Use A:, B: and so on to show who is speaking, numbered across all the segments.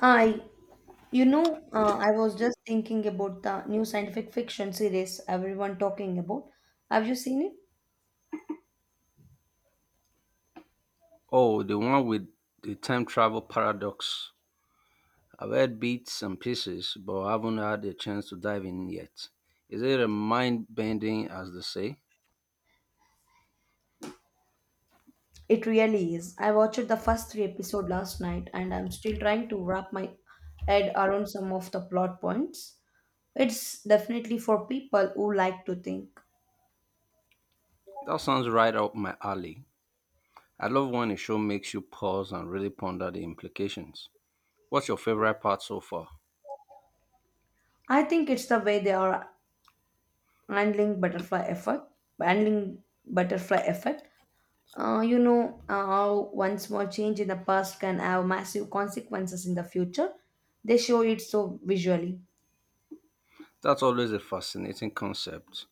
A: I, I was just thinking about the new scientific fiction series everyone talking about. Have you seen it?
B: Oh, the one with the time travel paradox. I've heard bits and pieces, but I haven't had a chance to dive in yet. Is it a mind bending, as they say?
A: It really is. I watched the first three episode last night, and I'm still trying to wrap my head around some of the plot points. It's definitely for people who like to think.
B: That sounds right up my alley. I love when a show makes you pause and really ponder the implications. What's your favorite part so far?
A: I think it's the way they are handling butterfly effect, handling butterfly effect. How one small change in the past can have massive consequences in the future. They show it so visually.
B: That's always a fascinating concept.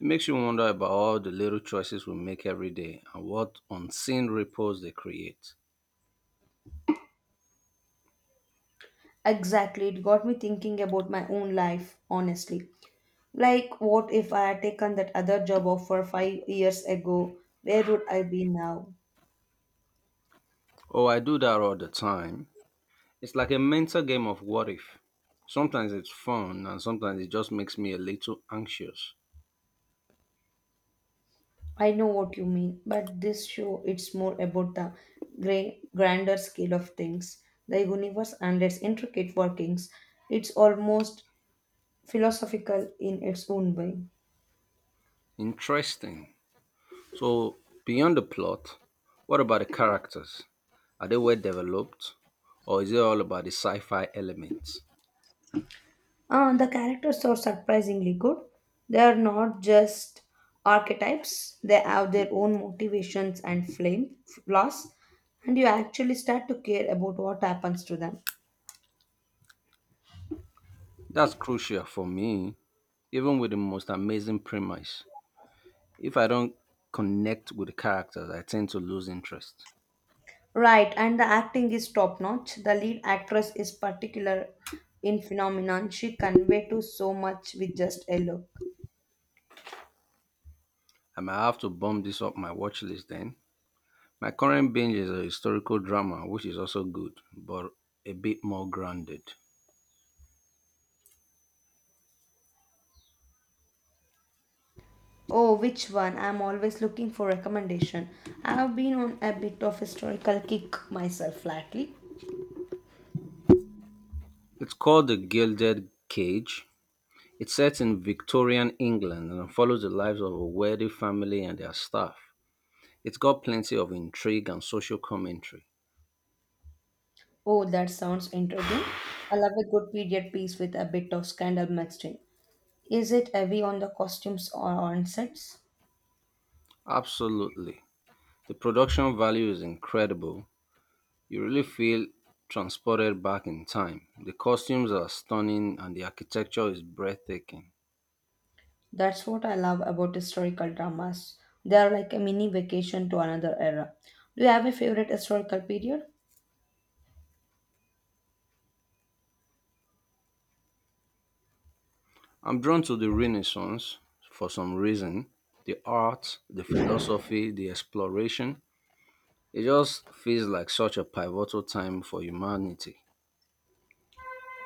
B: It makes you wonder about all the little choices we make every day and what unseen ripples they create.
A: Exactly, it got me thinking about my own life, honestly. Like, what if I had taken that other job offer 5 years ago? Where would I be now?
B: Oh, I do that all the time. It's like a mental game of what if. Sometimes it's fun and sometimes it just makes me a little anxious.
A: I know what you mean, but this show it's more about the grander scale of things, the universe and its intricate workings. It's almost philosophical in its own way.
B: Interesting. So, beyond the plot, what about the characters? Are they well developed or is it all about the sci fi elements?
A: The characters are surprisingly good. They are not just archetypes, they have their own motivations and flame flaws, and you actually start to care about what happens to them.
B: That's crucial for me, even with the most amazing premise. If I don't connect with the characters, I tend to lose interest.
A: Right, and the acting is top notch. The lead actress is particular in phenomenon. She convey to so much with just a look.
B: I might have to bump this up my watch list then. My current binge is a historical drama, which is also good, but a bit more grounded.
A: Oh, which one? I'm always looking for recommendation. I've been on a bit of historical kick myself lately.
B: It's called The Gilded Cage. It's set in Victorian England and follows the lives of a wealthy family and their staff. It's got plenty of intrigue and social commentary.
A: Oh, that sounds intriguing. I love a good period piece with a bit of scandal mixed in. Is it heavy on the costumes or on sets?
B: Absolutely. The production value is incredible. You really feel transported back in time. The costumes are stunning and the architecture is breathtaking.
A: That's what I love about historical dramas. They are like a mini vacation to another era. Do you have a favorite historical period?
B: I'm drawn to the Renaissance for some reason. The art, the philosophy, the exploration. It just feels like such a pivotal time for humanity.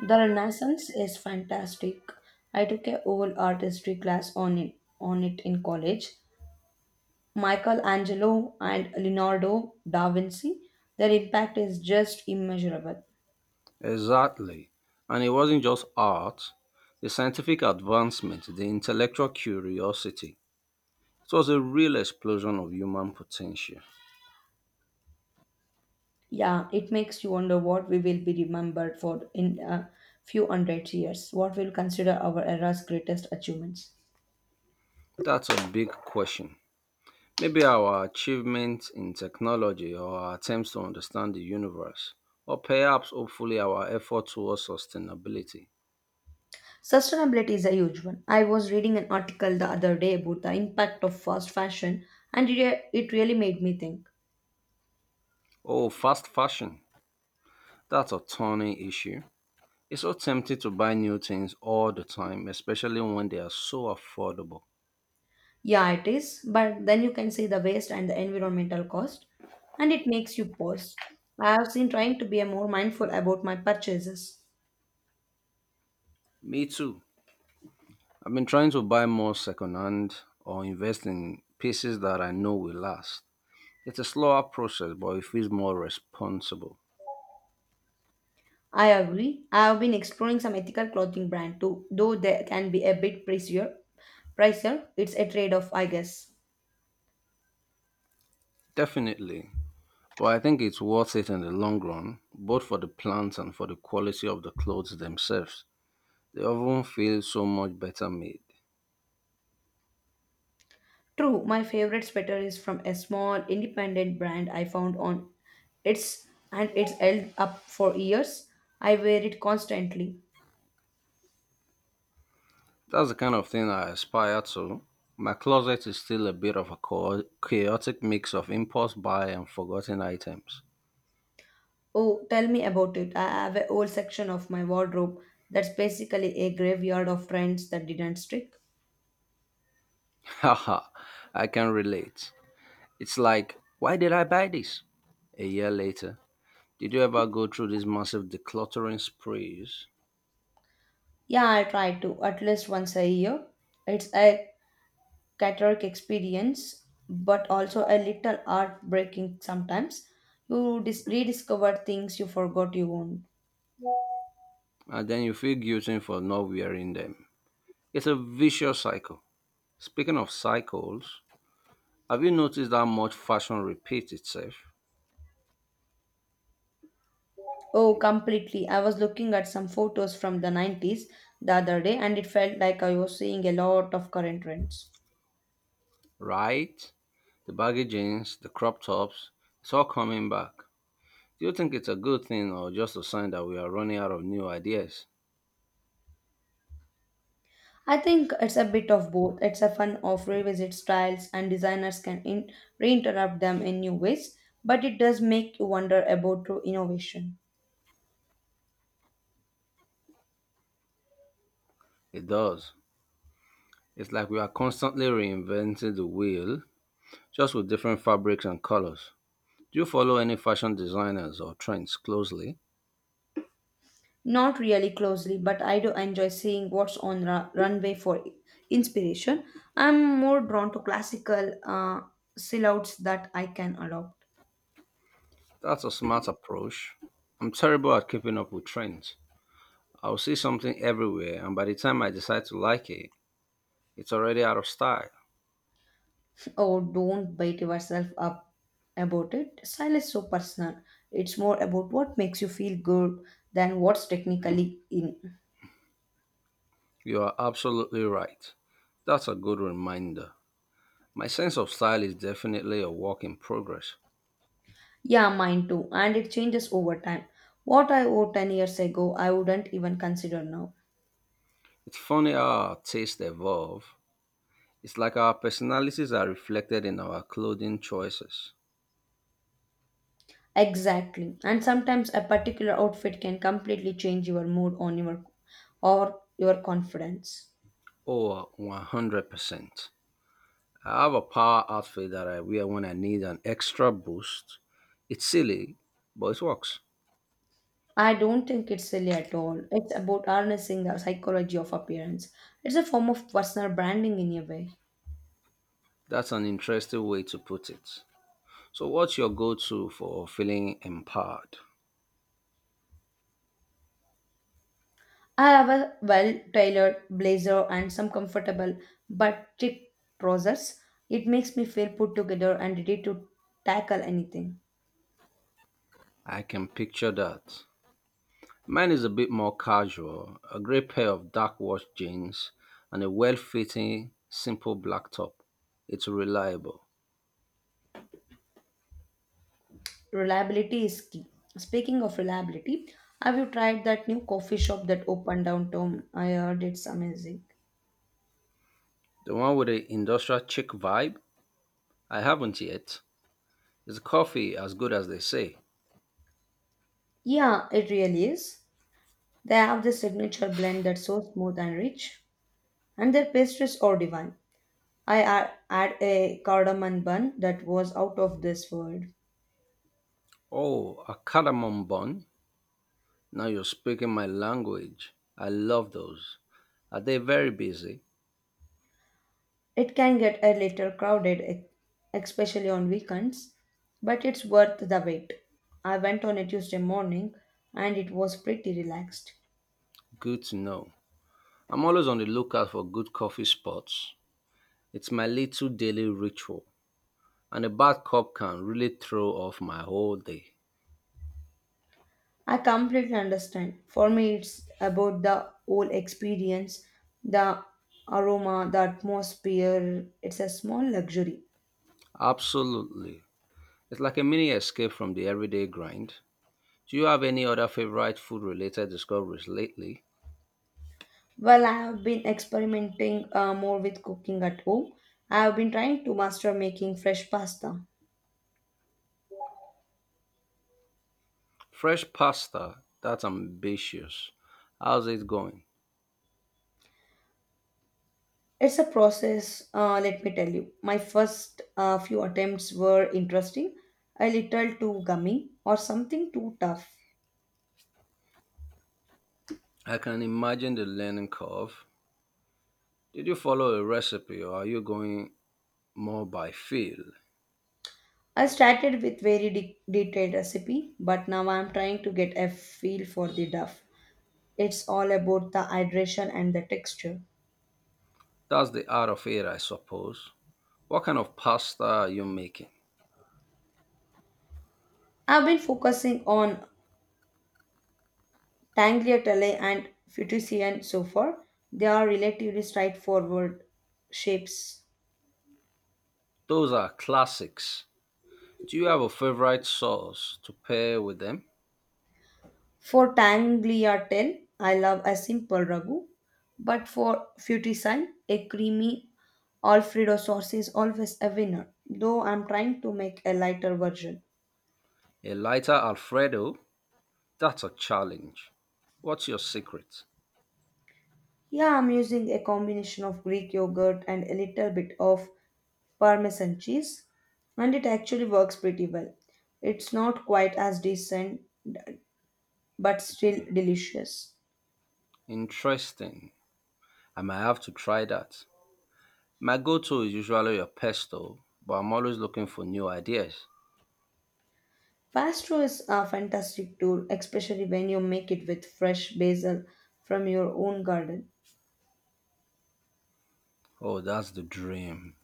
A: The Renaissance is fantastic. I took a whole art history class on it, in college. Michelangelo and Leonardo da Vinci, their impact is just immeasurable.
B: Exactly. And it wasn't just art, the scientific advancement, the intellectual curiosity. It was a real explosion of human potential.
A: Yeah, it makes you wonder what we will be remembered for in a few hundred years, what we'll consider our era's greatest achievements.
B: That's a big question. Maybe our achievements in technology or our attempts to understand the universe, or perhaps hopefully our effort towards sustainability.
A: Sustainability is a huge one. I was reading an article the other day about the impact of fast fashion, and it really made me think.
B: Oh, fast fashion. That's a turning issue. It's so tempting to buy new things all the time, especially when they are so affordable.
A: Yeah, it is, but then you can see the waste and the environmental cost, and it makes you pause. I have been trying to be more mindful about my purchases.
B: Me too. I've been trying to buy more secondhand or invest in pieces that I know will last. It's a slower process, but it feels more responsible.
A: I agree. I have been exploring some ethical clothing brand too, though they can be a bit pricier, it's a trade off, I guess.
B: Definitely. But I think it's worth it in the long run, both for the plants and for the quality of the clothes themselves. They often feel so much better made.
A: True, my favorite sweater is from a small independent brand I found on it's held up for years. I wear it constantly.
B: That's the kind of thing I aspire to. My closet is still a bit of a chaotic mix of impulse buy and forgotten items.
A: Oh, tell me about it. I have a whole section of my wardrobe that's basically a graveyard of trends that didn't stick.
B: Haha, I can relate. It's like, why did I buy this? A year later, did you ever go through these massive decluttering sprees
A: Yeah, I try to at least once a year. It's a cataract experience, but also a little heartbreaking sometimes. You rediscover things you forgot you owned.
B: and then you feel guilty for not wearing them? It's a vicious cycle. Speaking of cycles, have you noticed how much fashion repeats itself?
A: Oh, completely. I was looking at some photos from the 90s the other day and it felt like I was seeing a lot of current trends.
B: Right? The baggy jeans, the crop tops, it's all coming back. Do you think it's a good thing or just a sign that we are running out of new ideas?
A: I think it's a bit of both. It's a fun of revisit styles and designers can reinterrupt them in new ways, but it does make you wonder about true innovation.
B: It does. It's like we are constantly reinventing the wheel, just with different fabrics and colors. Do you follow any fashion designers or trends closely?
A: Not really closely, but I do enjoy seeing what's on runway for inspiration. I'm more drawn to classical silhouettes that I can adopt.
B: That's a smart approach. I'm terrible at keeping up with trends. I'll see something everywhere, and by the time I decide to like it, it's already out of style.
A: Oh, don't beat yourself up about it. Style is so personal. It's more about what makes you feel good than what's technically in.
B: You are absolutely right. That's a good reminder. My sense of style is definitely a work in progress.
A: Yeah, mine too. And it changes over time. What I wore 10 years ago, I wouldn't even consider now.
B: It's funny how our tastes evolve. It's like our personalities are reflected in our clothing choices.
A: Exactly. And sometimes a particular outfit can completely change your mood on your or your confidence.
B: Oh, 100%. I have a power outfit that I wear when I need an extra boost. It's silly, but it works.
A: I don't think it's silly at all. It's about harnessing the psychology of appearance. It's a form of personal branding in a way.
B: That's an interesting way to put it. So, what's your go to for feeling empowered?
A: I have a well tailored blazer and some comfortable but thick trousers. It makes me feel put together and ready to tackle anything.
B: I can picture that. Mine is a bit more casual, a grey pair of dark washed jeans and a well fitting, simple black top. It's reliable.
A: Reliability is key. Speaking of reliability, have you tried that new coffee shop that opened downtown? I heard it's amazing.
B: The one with the industrial chic vibe? I haven't yet. Is coffee as good as they say?
A: Yeah, it really is. They have this signature blend that's so smooth and rich, and their pastries are divine. Had a cardamom bun that was out of this world.
B: Oh, a cardamom bun? Now you're speaking my language. I love those. Are they very busy?
A: It can get a little crowded, especially on weekends, but it's worth the wait. I went on a Tuesday morning and it was pretty relaxed.
B: Good to know. I'm always on the lookout for good coffee spots. It's my little daily ritual, and a bad cup can really throw off my whole day.
A: I completely understand. For me, it's about the whole experience, the aroma, the atmosphere. It's a small luxury.
B: Absolutely. It's like a mini escape from the everyday grind. Do you have any other favorite food related discoveries lately?
A: Well, I have been experimenting more with cooking at home. I have been trying to master making fresh pasta.
B: Fresh pasta, that's ambitious. How's it going?
A: It's a process, let me tell you. My first few attempts were interesting, a little too gummy, or something too tough.
B: I can imagine the learning curve. Did you follow a recipe or are you going more by feel?
A: I started with very detailed recipe, but now I'm trying to get a feel for the duff. It's all about the hydration and the texture.
B: That's the art of it, I suppose. What kind of pasta are you making?
A: I've been focusing on tagliatelle and fettuccine so far. They are relatively straightforward shapes.
B: Those are classics. Do you have a favorite sauce to pair with them?
A: For tagliatelle, I love a simple ragu, but for fettuccine, a creamy Alfredo sauce is always a winner, though I'm trying to make a lighter version.
B: A lighter Alfredo? That's a challenge. What's your secret?
A: Yeah, I'm using a combination of Greek yogurt and a little bit of Parmesan cheese, and it actually works pretty well. It's not quite as decent, but still delicious.
B: Interesting. I might have to try that. My go to is usually a pesto, but I'm always looking for new ideas.
A: Pasto is a fantastic tool, especially when you make it with fresh basil from your own garden.
B: Oh, that's the dream.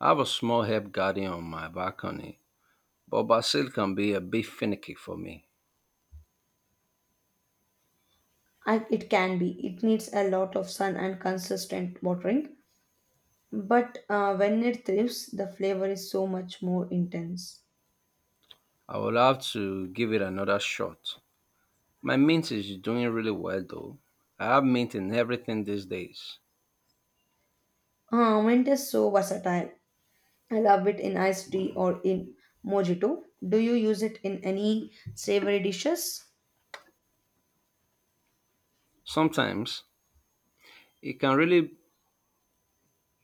B: I have a small herb garden on my balcony, but basil can be a bit finicky for me.
A: It can be. It needs a lot of sun and consistent watering. But when it thrives, the flavor is so much more intense.
B: I will have to give it another shot. My mint is doing really well though. I have mint in everything these days.
A: Mint is so versatile. I love it in iced tea or in mojito. Do you use it in any savory dishes?
B: Sometimes it can really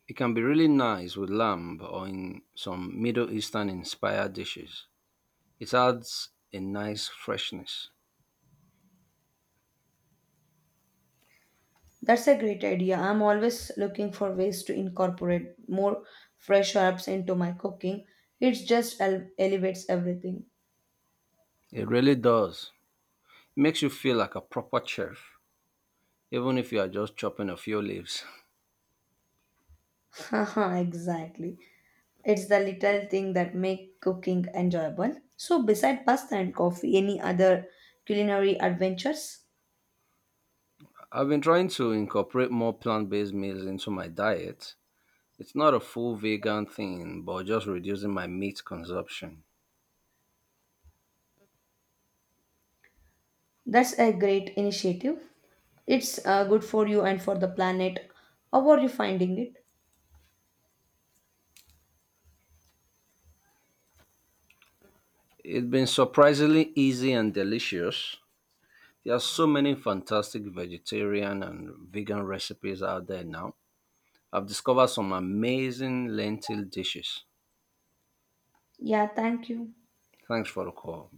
B: it can be really nice with lamb or in some Middle Eastern inspired dishes. It adds a nice freshness.
A: That's a great idea. I'm always looking for ways to incorporate more fresh herbs into my cooking. It just elevates everything.
B: It really does. Makes you feel like a proper chef, even if you are just chopping a few leaves.
A: Haha, exactly. It's the little thing that make cooking enjoyable. So beside pasta and coffee, any other culinary adventures?
B: I've been trying to incorporate more plant based meals into my diet. It's not a full vegan thing, but just reducing my meat consumption.
A: That's a great initiative. It's good for you and for the planet. How are you finding it?
B: It's been surprisingly easy and delicious. There are so many fantastic vegetarian and vegan recipes out there now. I've discovered some amazing lentil dishes.
A: Yeah, thank you.
B: Thanks for the call.